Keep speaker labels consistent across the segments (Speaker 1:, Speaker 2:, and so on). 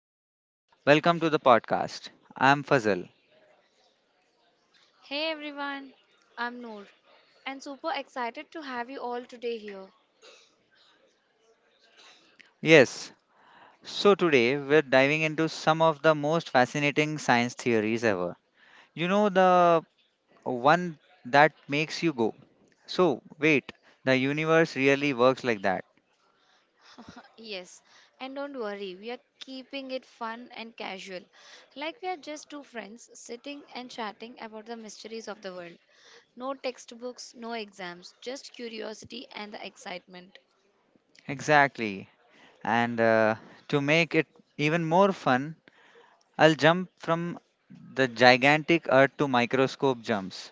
Speaker 1: everyone. Welcome to the podcast. I'm Fazal.
Speaker 2: Hey everyone, I'm Noor and super excited to have you all today here.
Speaker 1: Yes, so today we're diving into some of the most fascinating science theories ever. You know, the one that makes you go, so wait, the universe really works like that.
Speaker 2: Yes, and don't worry, we are keeping it fun and casual. Like we are just two friends sitting and chatting about the mysteries of the world. No textbooks, no exams, just curiosity and the excitement.
Speaker 1: Exactly. And To make it even more fun, I'll jump from the gigantic earth to microscope jumps,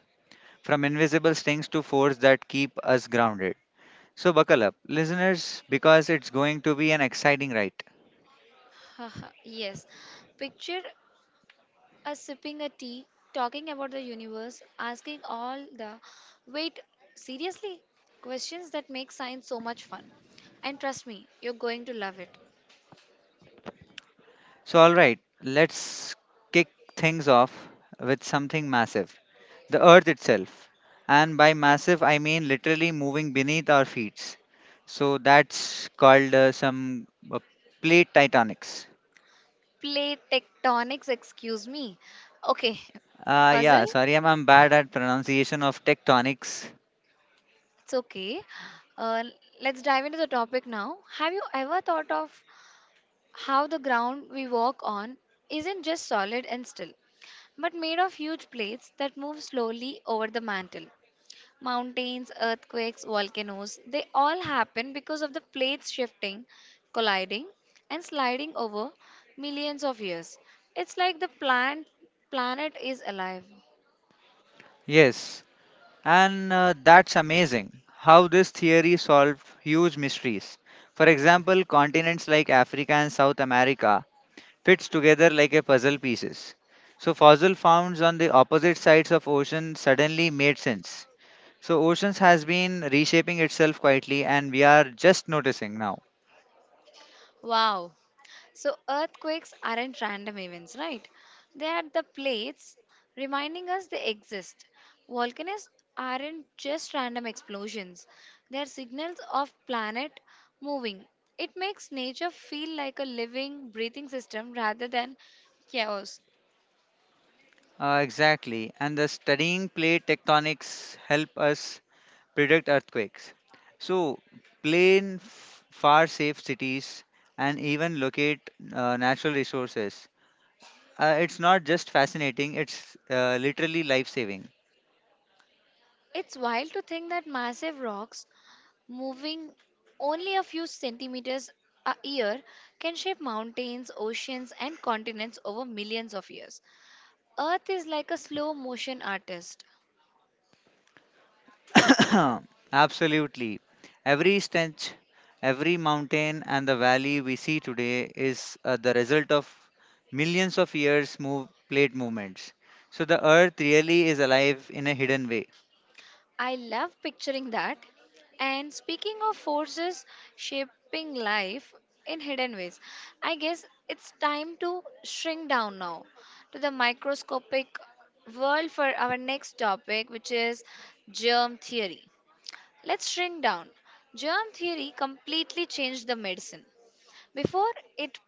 Speaker 1: from invisible stings to force that keep us grounded. So, buckle up, listeners, because it's going to be an exciting ride.
Speaker 2: Yes, picture A sipping a tea, talking about the universe, asking all the wait, seriously? Questions that make science so much fun. And trust me, you're going to love it.
Speaker 1: So, alright, let's kick things off with something massive, the Earth itself. And by massive, I mean literally moving beneath our feet. So, that's called some plate tectonics.
Speaker 2: Plate tectonics, excuse me. Okay,
Speaker 1: Yeah,
Speaker 2: Fazil,
Speaker 1: sorry, I'm bad at pronunciation of tectonics.
Speaker 2: it's okay. Uh, let's dive into the topic now. Have you ever thought of how the ground we walk on isn't just solid and still, but made of huge plates that move slowly over the mantle? Mountains, earthquakes, volcanoes, they all happen because of the plates shifting, colliding, and sliding over millions of years. It's like the planet is alive.
Speaker 1: Yes. And That's amazing how this theory solved huge mysteries. For example, continents like Africa and South America fits together like a puzzle pieces. So fossil founds on the opposite sides of ocean suddenly made sense. So oceans has been reshaping itself quietly and we are just noticing now.
Speaker 2: Wow. So, earthquakes aren't random events, right? They are the plates reminding us they exist. Volcanoes aren't just random explosions, they are signals of planet moving. It makes nature feel like a living, breathing system rather than chaos.
Speaker 1: Exactly. And the studying plate tectonics help us predict earthquakes. So, far safe cities and even locate natural resources. It's not just fascinating, it's literally life saving.
Speaker 2: It's wild to think that massive rocks moving only a few centimeters a year can shape mountains, oceans, and continents over millions of years. Earth is like a slow motion artist.
Speaker 1: Absolutely. Every stench, every mountain, and the valley we see today is the result of millions of years' move, plate movements. So the earth really is alive in a hidden way.
Speaker 2: I love picturing that. And speaking of forces shaping life in hidden ways, I guess it's time to shrink down now to the microscopic world for our next topic, which is germ theory. Let's shrink down. Germ theory completely changed the medicine. Before it,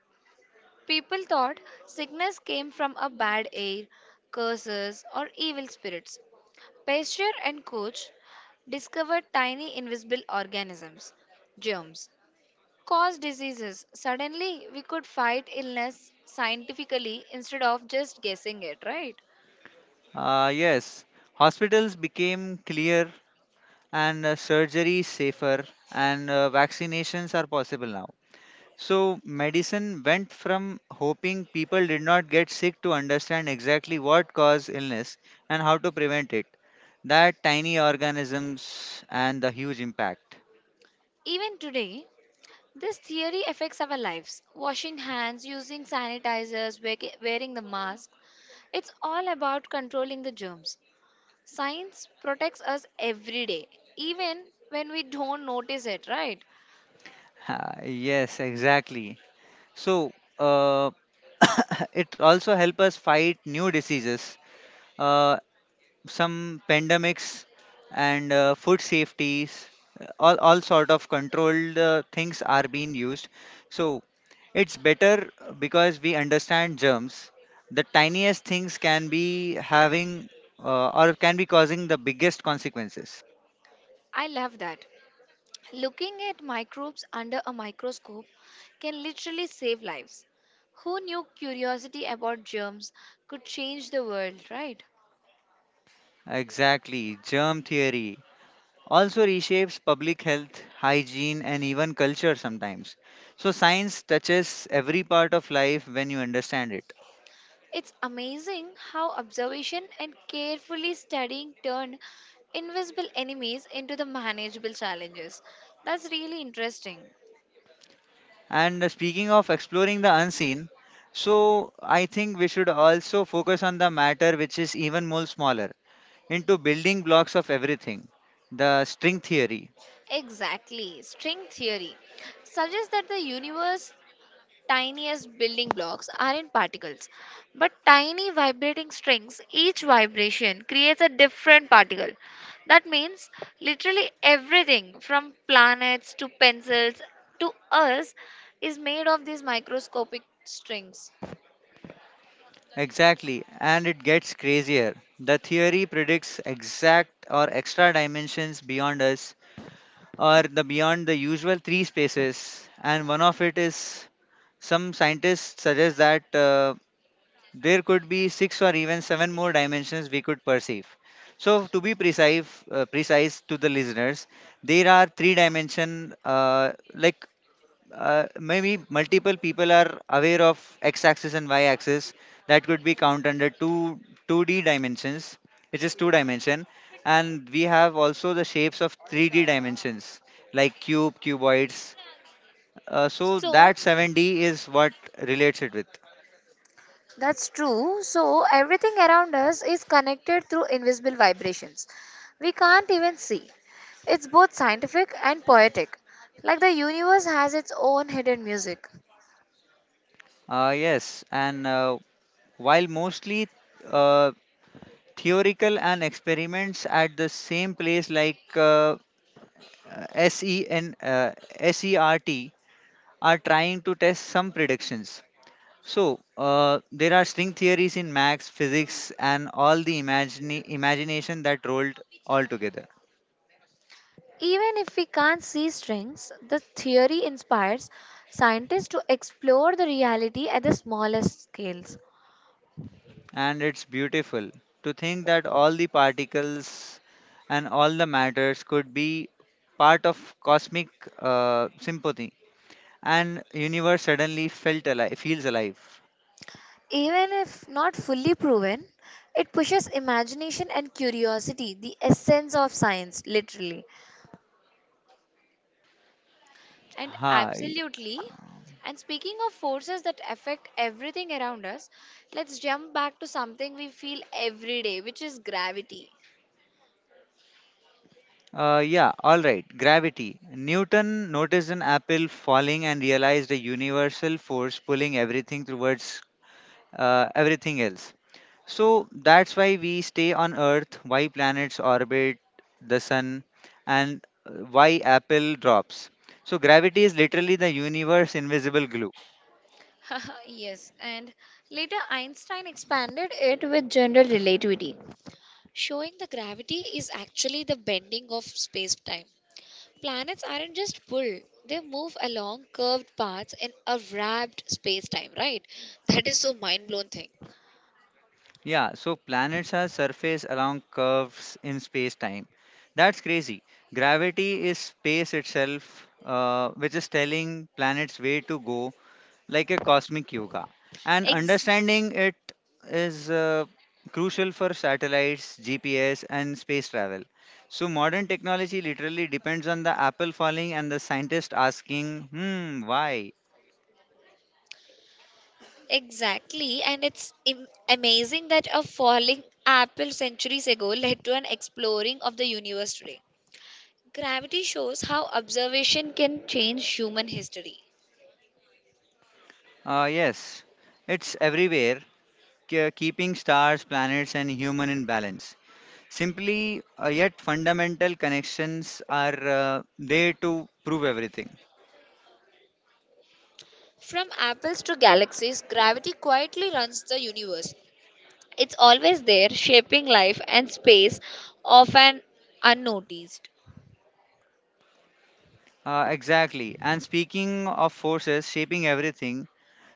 Speaker 2: people thought sickness came from a bad air, curses, or evil spirits. Pasteur and Koch discovered tiny invisible organisms, germs, cause diseases. Suddenly, we could fight illness scientifically instead of just guessing it, right?
Speaker 1: Yes, hospitals became clear and surgery is safer and vaccinations are possible now, so medicine went from hoping people did not get sick to understand exactly what caused illness and how to prevent it, that tiny organisms and the huge impact.
Speaker 2: Even today, this theory affects our lives. Washing hands, using sanitizers, wearing the mask, it's all about controlling the germs. Science protects us every day, even when we don't notice it, right?
Speaker 1: Ah, yes, exactly. So uh, it also help us fight new diseases, uh, some pandemics and food safeties. All sort of controlled things are being used, so it's better because we understand germs, the tiniest things can be having, or can be causing the biggest consequences.
Speaker 2: I love that. Looking at microbes under a microscope can literally save lives. Who knew curiosity about germs could change the world, right?
Speaker 1: Exactly, germ theory also reshapes public health hygiene and even culture sometimes. So science touches every part of life when you understand it.
Speaker 2: It's amazing how observation and carefully studying turned invisible enemies into the manageable challenges. That's really interesting.
Speaker 1: And Speaking of exploring the unseen, so I think we should also focus on the matter which is even more smaller, into building blocks of everything. The string theory.
Speaker 2: Exactly. String theory suggests that the universe tiniest building blocks are in particles, but tiny vibrating strings, each vibration creates a different particle. That means literally everything from planets to pencils to us is made of these microscopic strings.
Speaker 1: Exactly. And it gets crazier. The theory predicts exact or extra dimensions beyond us, or the beyond the usual three spaces. And one of it is, some scientists suggest that there could be six or even seven more dimensions we could perceive. So to be precise, precise to the listeners, there are three dimension. Maybe multiple people are aware of x-axis and y-axis. That could be count under two, 2D dimensions, which is two dimension, and we have also the shapes of 3D dimensions like cube, cuboids. So
Speaker 2: So
Speaker 1: that 7D is what relates it with.
Speaker 2: that's true. So everything around us is connected through invisible vibrations. We can't even see. It's both scientific and poetic. Like the universe has its own hidden music.
Speaker 1: Yes, and While mostly uh, theoretical and experiments at the same place like SEN, SERT are trying to test some predictions. There are string theories in max, physics, and all the imagine imagination that rolled all together.
Speaker 2: Even if we can't see strings, the theory inspires scientists to explore the reality at the smallest scales.
Speaker 1: And it's beautiful to think that all the particles and all the matters could be part of cosmic sympathy, and universe suddenly felt alive feels alive.
Speaker 2: Even if not fully proven, it pushes imagination and curiosity, the essence of science, literally. And
Speaker 1: Ha
Speaker 2: absolutely. And speaking of forces that affect everything around us, let's jump back to something we feel every day, which is gravity.
Speaker 1: Yeah, all right, gravity. Newton noticed an apple falling and realized a universal force pulling everything towards everything else. So that's why we stay on earth, why planets orbit the sun, and why apple drops. So gravity is literally the universe invisible glue.
Speaker 2: Yes, and later Einstein expanded it with general relativity. Showing that gravity is actually the bending of space-time. Planets aren't just pulled, they move along curved paths in a wrapped space-time, right? That is so mind-blown thing.
Speaker 1: Yeah, so planets are surface along curves in space time. That's crazy. Gravity is space itself, which is telling planets where to go, like a cosmic yoga. And
Speaker 2: Ex-
Speaker 1: understanding it is crucial for satellites, GPS, and space travel. So, modern technology literally depends on the apple falling and the scientist asking, hmm, why?
Speaker 2: exactly, and it's amazing that a falling apple centuries ago led to an exploring of the universe today. Gravity shows how observation can change human history.
Speaker 1: Yes, it's everywhere, keeping stars, planets, and human in balance. Simply yet fundamental connections are there to prove everything.
Speaker 2: From apples to galaxies, gravity quietly runs the universe. It's always there, shaping life and space, often unnoticed.
Speaker 1: Exactly. And speaking of forces shaping everything,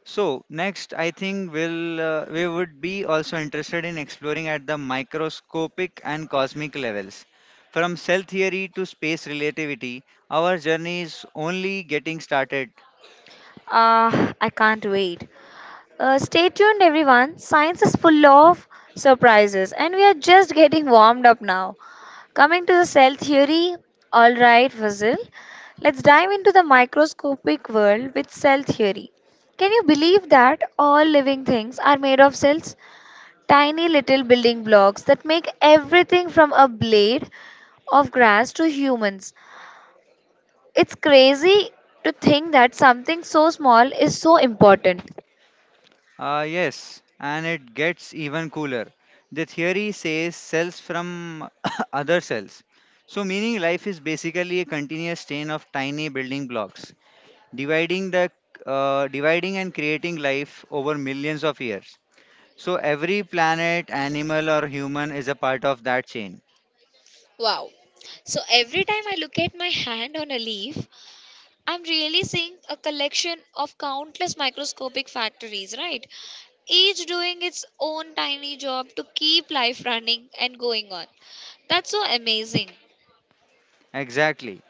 Speaker 1: so next I think we would be also interested in exploring at the microscopic and cosmic levels. From cell theory to space relativity, our journey is only getting started.
Speaker 2: Ah, I can't wait. Stay tuned, everyone. Science is full of surprises, and we are just getting warmed up now. Coming to the cell theory, alright, Fazil. Let's dive into the microscopic world with cell theory. Can you believe that all living things are made of cells? Tiny little building blocks that make everything from a blade of grass to humans. It's crazy to think that something so small is so important.
Speaker 1: Yes, and it gets even cooler. The theory says cells from other cells. So, meaning life is basically a continuous chain of tiny building blocks, dividing the dividing and creating life over millions of years. So, every planet, animal, or human is a part of that chain.
Speaker 2: Wow. So every time I look at my hand on a leaf, I'm really seeing a collection of countless microscopic factories, right? Each doing its own tiny job to keep life running and going on. That's so amazing.
Speaker 1: Exactly.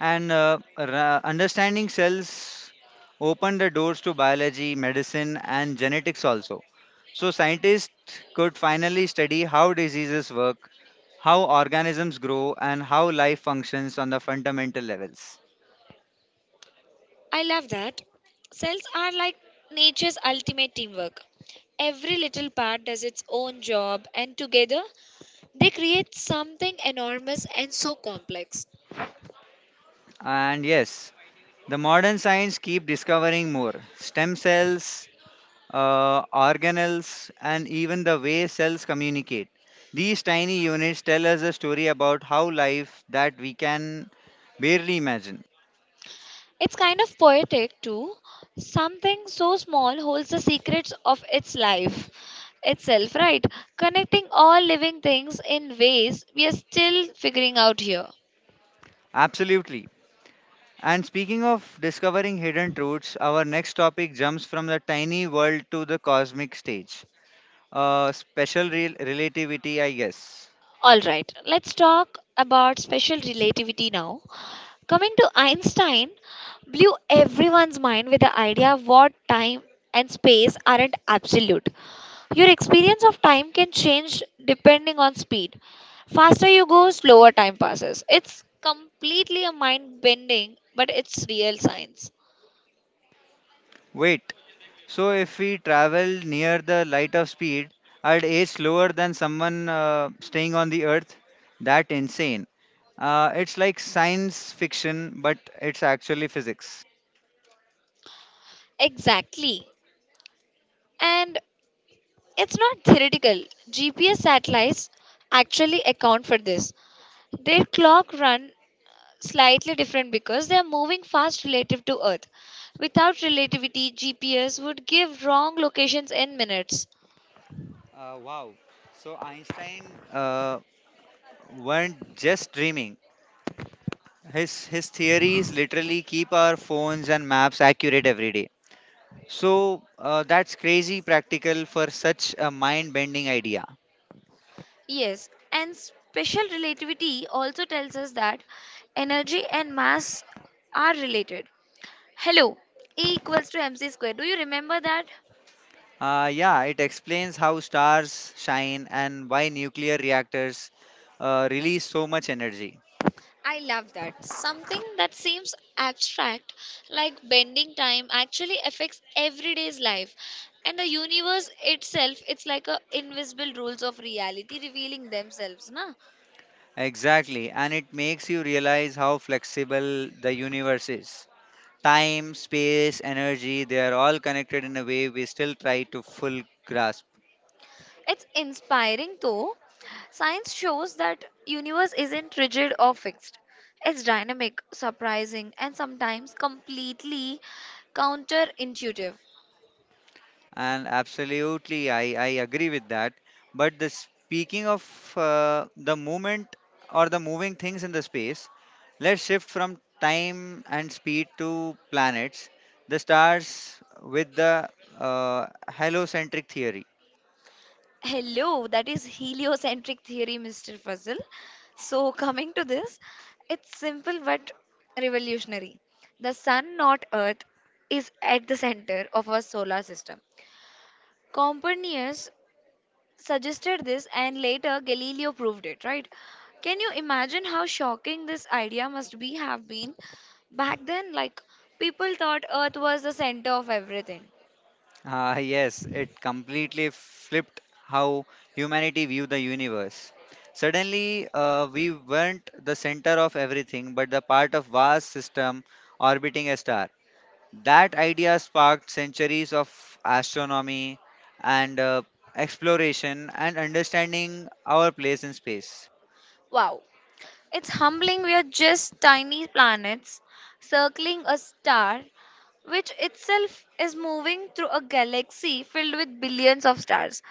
Speaker 1: Understanding cells open the doors to biology, medicine, and genetics also. So scientists could finally study how diseases work, how organisms grow, and how life functions on the fundamental levels.
Speaker 2: I love that. Cells are like nature's ultimate teamwork. Every little part does its own job, and together they create something enormous and so complex.
Speaker 1: And yes, the modern science keep discovering more stem cells, organelles, and even the way cells communicate. These tiny units tell us a story about how life that we can barely imagine.
Speaker 2: It's kind of poetic too. Something so small holds the secrets of its life itself, right? Connecting all living things in ways we are still figuring out here.
Speaker 1: Absolutely. And speaking of discovering hidden truths, our next topic jumps from the tiny world to the cosmic stage. Special relativity, I guess.
Speaker 2: All right, let's talk about special relativity now. Coming to Einstein, blew everyone's mind with the idea what time and space aren't absolute. Your experience of time can change depending on speed. Faster you go, slower time passes. It's completely a mind bending, but it's real science.
Speaker 1: Wait, so if we travel near the light of speed, at age slower than someone staying on the earth, that insane. It's like science fiction, but it's actually physics.
Speaker 2: Exactly. And it's not theoretical. GPS satellites actually account for this. Their clock run slightly different because they are moving fast relative to Earth. Without relativity, GPS would give wrong locations in minutes.
Speaker 1: Wow. So Einstein uh, weren't just dreaming. His theories literally keep our phones and maps accurate every day. So that's crazy practical for such a mind-bending idea.
Speaker 2: Yes, and special relativity also tells us that energy and mass are related. Hello, E equals to mc squared. Do you remember that?
Speaker 1: Yeah, it explains how stars shine and why nuclear reactors release so much energy.
Speaker 2: I love that. Something that seems abstract, like bending time, actually affects everyday's life. And the universe itself, it's like a invisible rules of reality revealing themselves, na?
Speaker 1: Exactly, and it makes you realize how flexible the universe is. Time, space, energy, they are all connected in a way we still try to full grasp.
Speaker 2: It's inspiring though. Science shows that universe isn't rigid or fixed. It's dynamic, surprising, and sometimes completely counterintuitive.
Speaker 1: And absolutely, I agree with that. But the speaking of the movement or the moving things in the space, let's shift from time and speed to planets, the stars, with the halocentric theory.
Speaker 2: Hello, that is heliocentric theory, Mr. Fuzzle. So, coming to this, it's simple but revolutionary. The sun, not earth, is at the center of our solar system. Copernicus suggested this and later Galileo proved it, right? Can you imagine how shocking this idea must be have been back then? Like people thought earth was the center of everything.
Speaker 1: Ah, yes, it completely flipped how humanity viewed the universe. Suddenly, we weren't the center of everything, but the part of vast system orbiting a star. That idea sparked centuries of astronomy and exploration and understanding our place in space.
Speaker 2: Wow. It's humbling we are just tiny planets circling a star which itself is moving through a galaxy filled with billions of stars.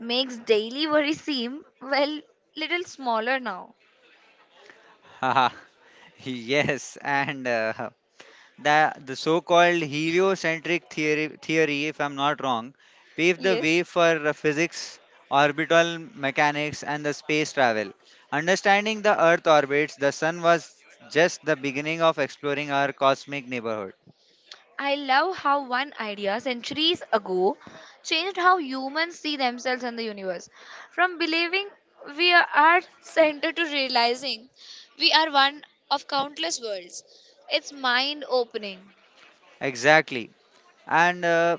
Speaker 2: Makes daily worry seem, well, little smaller now.
Speaker 1: Haha, yes, and the so called heliocentric theory, if I'm not wrong, paved the
Speaker 2: Yes,
Speaker 1: way for physics, orbital mechanics, and the space travel. Understanding the Earth orbits, the Sun was just the beginning of exploring our cosmic neighborhood.
Speaker 2: I love how one idea centuries ago changed how humans see themselves and the universe. From believing we are at center to realizing we are one of countless worlds. It's mind opening.
Speaker 1: Exactly. And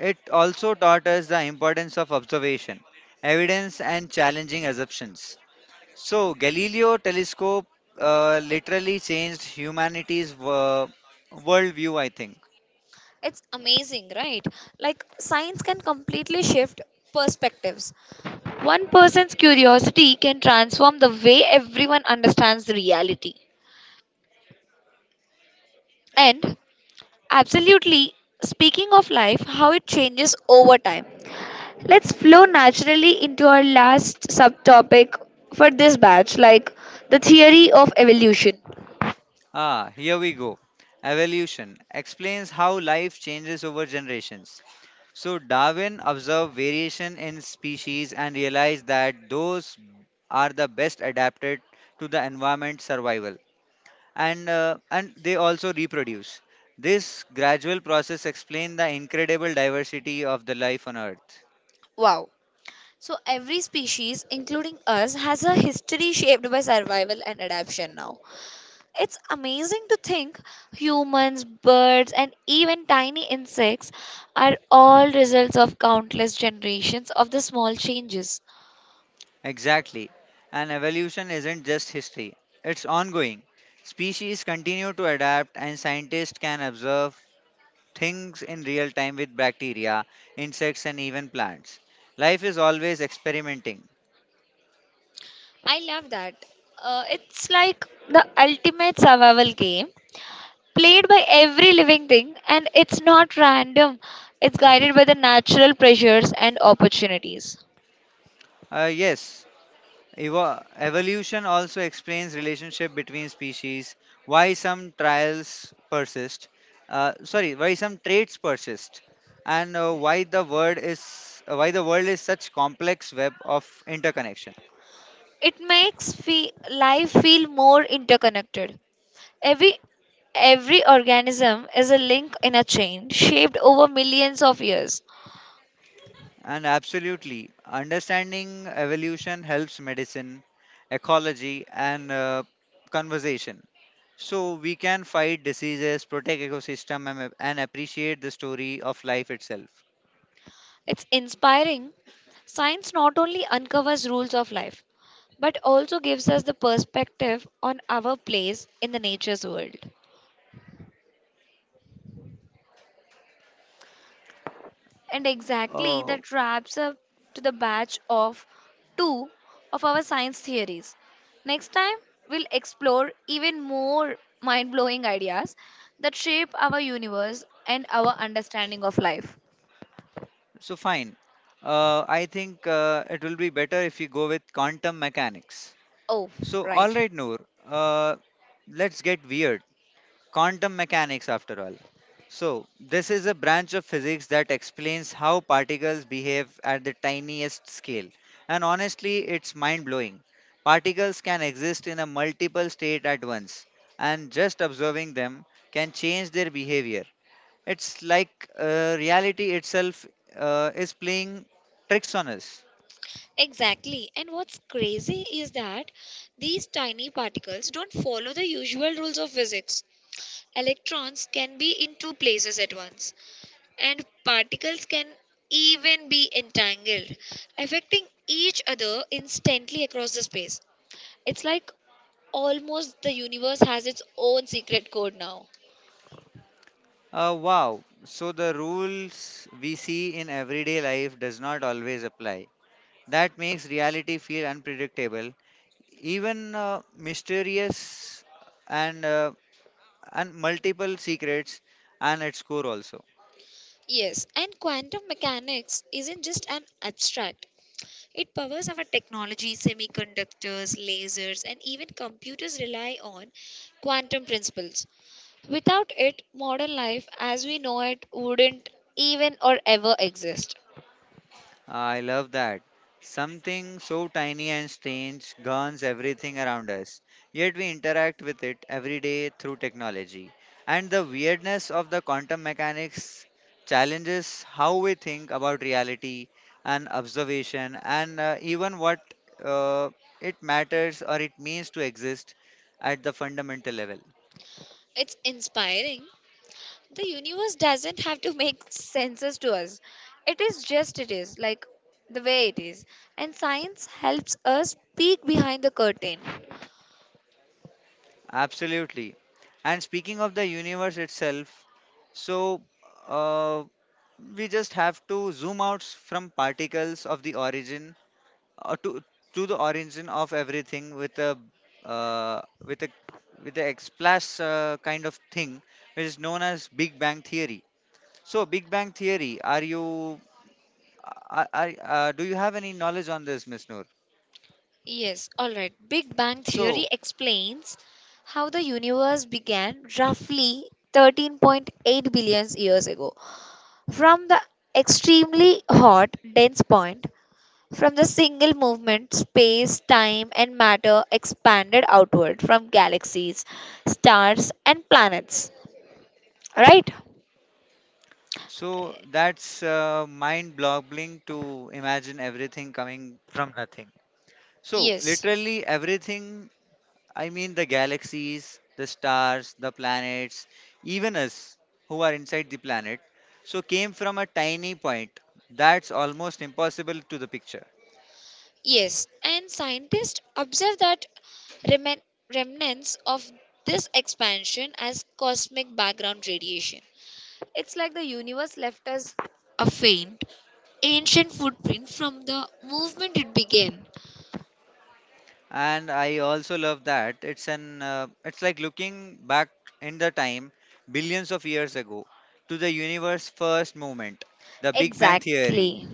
Speaker 1: It also taught us the importance of observation, evidence, and challenging assumptions. So, Galileo telescope literally changed humanity's worldview, I think.
Speaker 2: It's amazing, right? Like, science can completely shift perspectives. One person's curiosity can transform the way everyone understands reality. And absolutely, speaking of life, how it changes over time. Let's flow naturally into our last subtopic for this batch, like the theory of evolution.
Speaker 1: Ah, here we go. Evolution explains how life changes over generations. So, Darwin observed variation in species and realized that those are the best adapted to the environment survival. And and they also reproduce. This gradual process explains the incredible diversity of the life on Earth.
Speaker 2: Wow. So every species, including us, has a history shaped by survival and adaptation now. It's amazing to think humans, birds, and even tiny insects are all results of countless generations of the small changes.
Speaker 1: Exactly. And evolution isn't just history, it's ongoing. Species continue to adapt, and scientists can observe things in real time with bacteria, insects, and even plants. Life is always experimenting.
Speaker 2: I love that. It's like the ultimate survival game played by every living thing, and it's not random, it's guided by the natural pressures and opportunities.
Speaker 1: Uh, yes, Evolution also explains relationship between species, why some trials persist, sorry, why some traits persist, and why the world is such complex web of interconnection.
Speaker 2: It makes life feel more interconnected. Every every organism is a link in a chain shaped over millions of years.
Speaker 1: And absolutely, understanding evolution helps medicine, ecology, and conversation. So we can fight diseases, protect ecosystem, and appreciate the story of life itself.
Speaker 2: It's inspiring. Science not only uncovers rules of life but also gives us the perspective on our place in the nature's world. And exactly
Speaker 1: Oh.
Speaker 2: that wraps up to the batch of two of our science theories. Next time, we'll explore even more mind blowing ideas that shape our universe and our understanding of life.
Speaker 1: So fine. I think It will be better if we go with quantum mechanics.
Speaker 2: Oh,
Speaker 1: So all
Speaker 2: right.
Speaker 1: right, Noor. Uh, let's get weird. Quantum mechanics, after all. So this is a branch of physics that explains how particles behave at the tiniest scale. And honestly, it's mind-blowing. Particles can exist in a multiple state at once, and just observing them can change their behavior. It's like reality itself is playing tricks on us.
Speaker 2: Exactly. And what's crazy is that these tiny particles don't follow the usual rules of physics. Electrons can be in two places at once, and particles can even be entangled, affecting each other instantly across the space. It's like almost the universe has its own secret code now.
Speaker 1: Wow. So the rules we see in everyday life does not always apply. That makes reality feel unpredictable, even mysterious and uh, and multiple secrets and its core also.
Speaker 2: Yes, and quantum mechanics isn't just an abstract. It powers our technology, semiconductors, lasers, and even computers rely on quantum principles. Without it, modern life as we know it wouldn't even or ever exist.
Speaker 1: I love that. Something so tiny and strange governs everything around us, yet we interact with it every day through technology. And the weirdness of the quantum mechanics challenges how we think about reality and observation, and even what uh, it matters or it means to exist at the fundamental level.
Speaker 2: It's inspiring. The universe doesn't have to make senses to us. It is just it is, like the way it is. And science helps us peek behind the curtain.
Speaker 1: Absolutely. And speaking of the universe itself, so. Uh, we just have to zoom out from particles of the origin uh, to to the origin of everything uh, with a with a splash, kind of thing, which is known as Big Bang theory. So Big Bang theory, are you, do you have any knowledge on this, Miss Noor?
Speaker 2: Yes, all right. Big Bang Theory
Speaker 1: so
Speaker 2: explains how the universe began roughly 13.8 billion years ago from the extremely hot, dense point. From the single movement, space, time, and matter expanded outward from galaxies, stars, and planets. Right?
Speaker 1: so that's mind boggling to imagine everything coming from nothing, so
Speaker 2: Yes.
Speaker 1: literally everything. I mean, the galaxies, the stars, the planets, even us who are inside the planet, so came from a tiny point that's almost impossible to the picture.
Speaker 2: Yes, and scientists observe that remen- remnants of this expansion as cosmic background radiation. It's like the universe left us a faint, ancient footprint from the movement it began.
Speaker 1: And I also love that it's like looking back in the time billions of years ago to the universe first moment, the Big Bang theory.
Speaker 2: Exactly.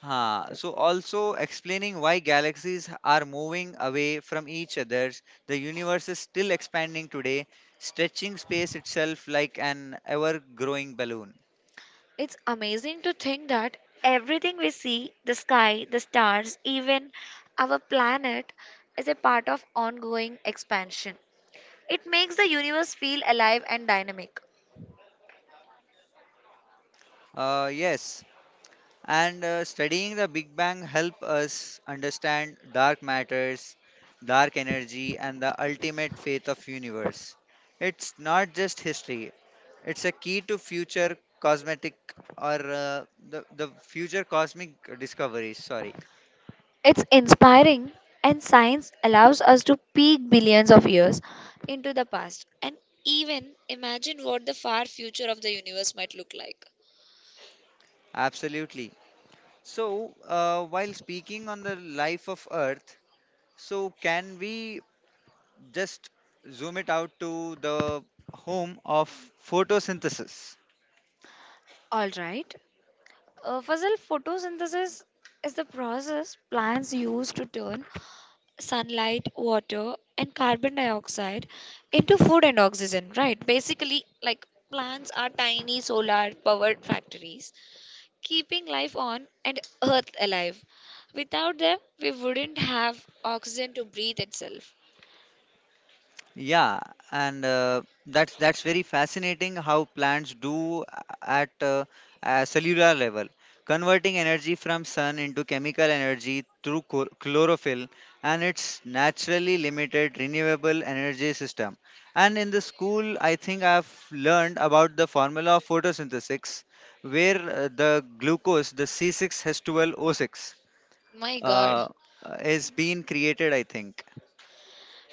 Speaker 1: Huh. So also explaining why galaxies are moving away from each other. The universe is still expanding today, stretching space itself like an ever-growing balloon.
Speaker 2: It's amazing to think that everything we see the sky, the stars, even our planet is a part of ongoing expansion. It makes the universe feel alive and dynamic.
Speaker 1: Yes, and studying the Big Bang help us understand dark matters, dark energy, and the ultimate fate of universe. It's not just history; it's a key to future cosmetic, or the future cosmic discoveries. Sorry.
Speaker 2: It's inspiring, and science allows us to peek billions of years into the past and even imagine what the far future of the universe might look like.
Speaker 1: Absolutely. So, while speaking on the life of Earth, so can we just zoom it out to the home of photosynthesis?
Speaker 2: All right. Fazal, photosynthesis is the process plants use to turn sunlight, water, and carbon dioxide into food and oxygen, right? Basically, like plants are tiny solar powered factories keeping life on and earth alive. Without them, we wouldn't have oxygen to breathe itself.
Speaker 1: Yeah, and that's very fascinating how plants do at a cellular level, converting energy from sun into chemical energy through chlorophyll, and its naturally limited renewable energy system. And in the school, I think I've learned about the formula of photosynthesis, where the glucose, the c 6 h 12 O six,
Speaker 2: My god.
Speaker 1: uh, is being created. I think.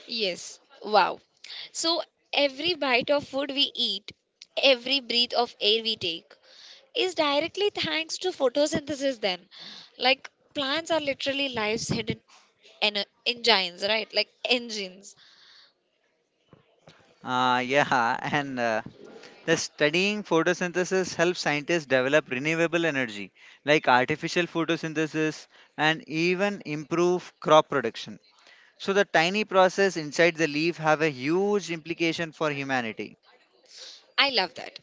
Speaker 2: Yes. Wow. So every bite of food we eat, every breath of air we take is directly thanks to photosynthesis then. Like plants are literally life's hidden engines, right? Like engines.
Speaker 1: Yeah, and the studying photosynthesis helps scientists develop renewable energy like artificial photosynthesis, and even improve crop production. So the tiny process inside the leaf have a huge implication for humanity.
Speaker 2: I love that.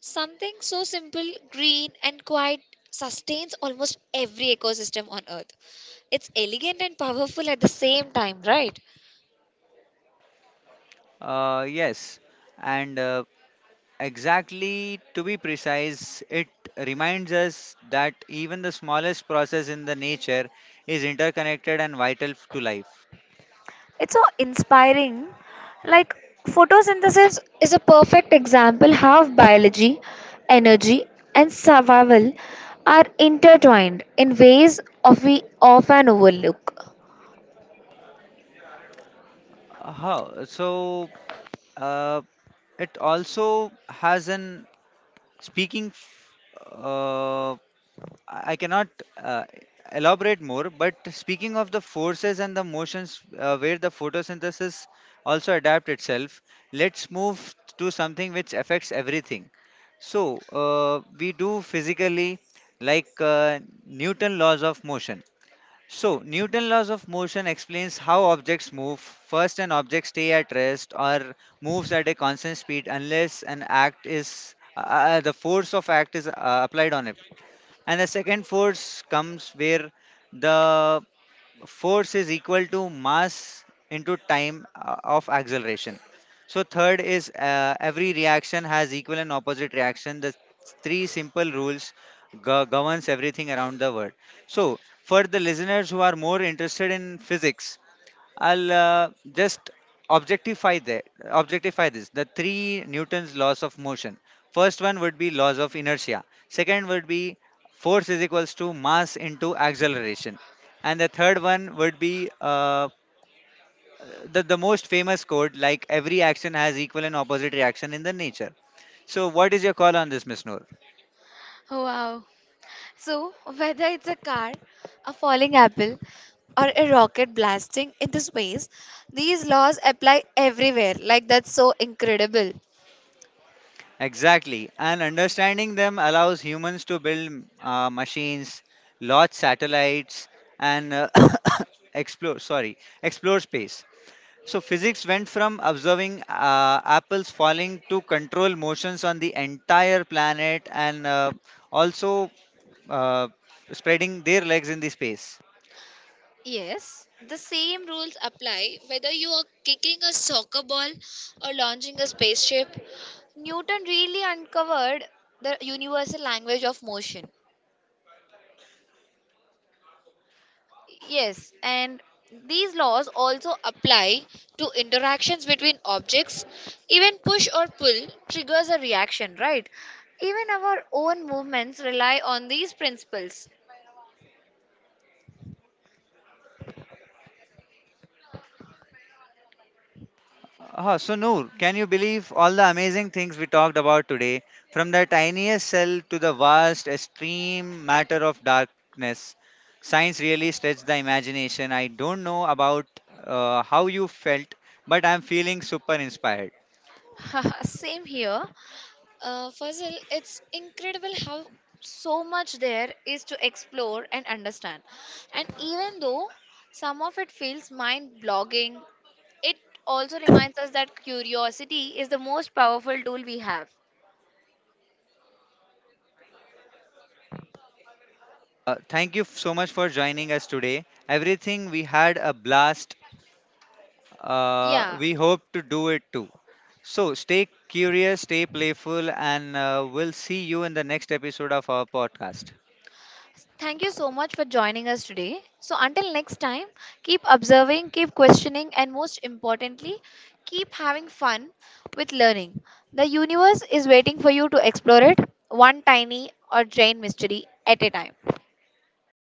Speaker 2: Something so simple, green, and quiet sustains almost every ecosystem on Earth. It's elegant and powerful at the same time, right?
Speaker 1: Yes, and exactly, to be precise, it reminds us that even the smallest process in the nature is interconnected and vital to life.
Speaker 2: It's so inspiring. Like photosynthesis is a perfect example how biology, energy, and survival are intertwined in ways of we often overlook.
Speaker 1: Uh, so uh, it also has an Speaking, f- uh, I cannot uh, elaborate more, but speaking of the forces and the motions, where the photosynthesis also adapt itself, let's move to something which affects everything. So, we do physically, like, Newton laws of motion. So, Newton's laws of motion explains how objects move. First, an object stays at rest or moves at a constant speed unless an act is the force of act is applied on it. And the second force comes where the force is equal to mass into time of acceleration. So third is, every reaction has equal and opposite reaction. The three simple rules governs everything around the world. So for the listeners who are more interested in physics, I'll just objectify that. Objectify this. The three Newton's laws of motion. First one would be laws of inertia. Second would be force is equals to mass into acceleration. And the third one would be the most famous quote, like every action has equal and opposite reaction in the nature. So what is your call on this, Miss Noor?
Speaker 2: Wow. So, whether it's a car, a falling apple, or a rocket blasting into space, these laws apply everywhere. Like, that's so incredible.
Speaker 1: Exactly. And understanding them allows humans to build machines, launch satellites, and explore, sorry, explore space. So physics went from observing apples falling to control motions on the entire planet, and also uh, spreading their legs in the space.
Speaker 2: Yes, the same rules apply whether you are kicking a soccer ball or launching a spaceship. Newton really uncovered the universal language of motion. Yes, and these laws also apply to interactions between objects. Even push or pull triggers a reaction, right? Even our own movements rely on these principles.
Speaker 1: So, Noor, can you believe all the amazing things we talked about today? From the tiniest cell to the vast, extreme matter of darkness. Science really stretched the imagination. I don't know about how you felt, but I'm feeling super inspired.
Speaker 2: Same here. Fazil, it's incredible how so much there is to explore and understand. And even though some of it feels mind blogging, it also reminds us that curiosity is the most powerful tool we have.
Speaker 1: Thank you so much for joining us today. Everything, we had a blast.
Speaker 2: Yeah.
Speaker 1: We hope to do it too. So stay curious, stay playful, and we'll see you in the next episode of our podcast.
Speaker 2: Thank you so much for joining us today. So, until next time, keep observing, keep questioning, and most importantly, keep having fun with learning. The universe is waiting for you to explore it one tiny or giant mystery at a time.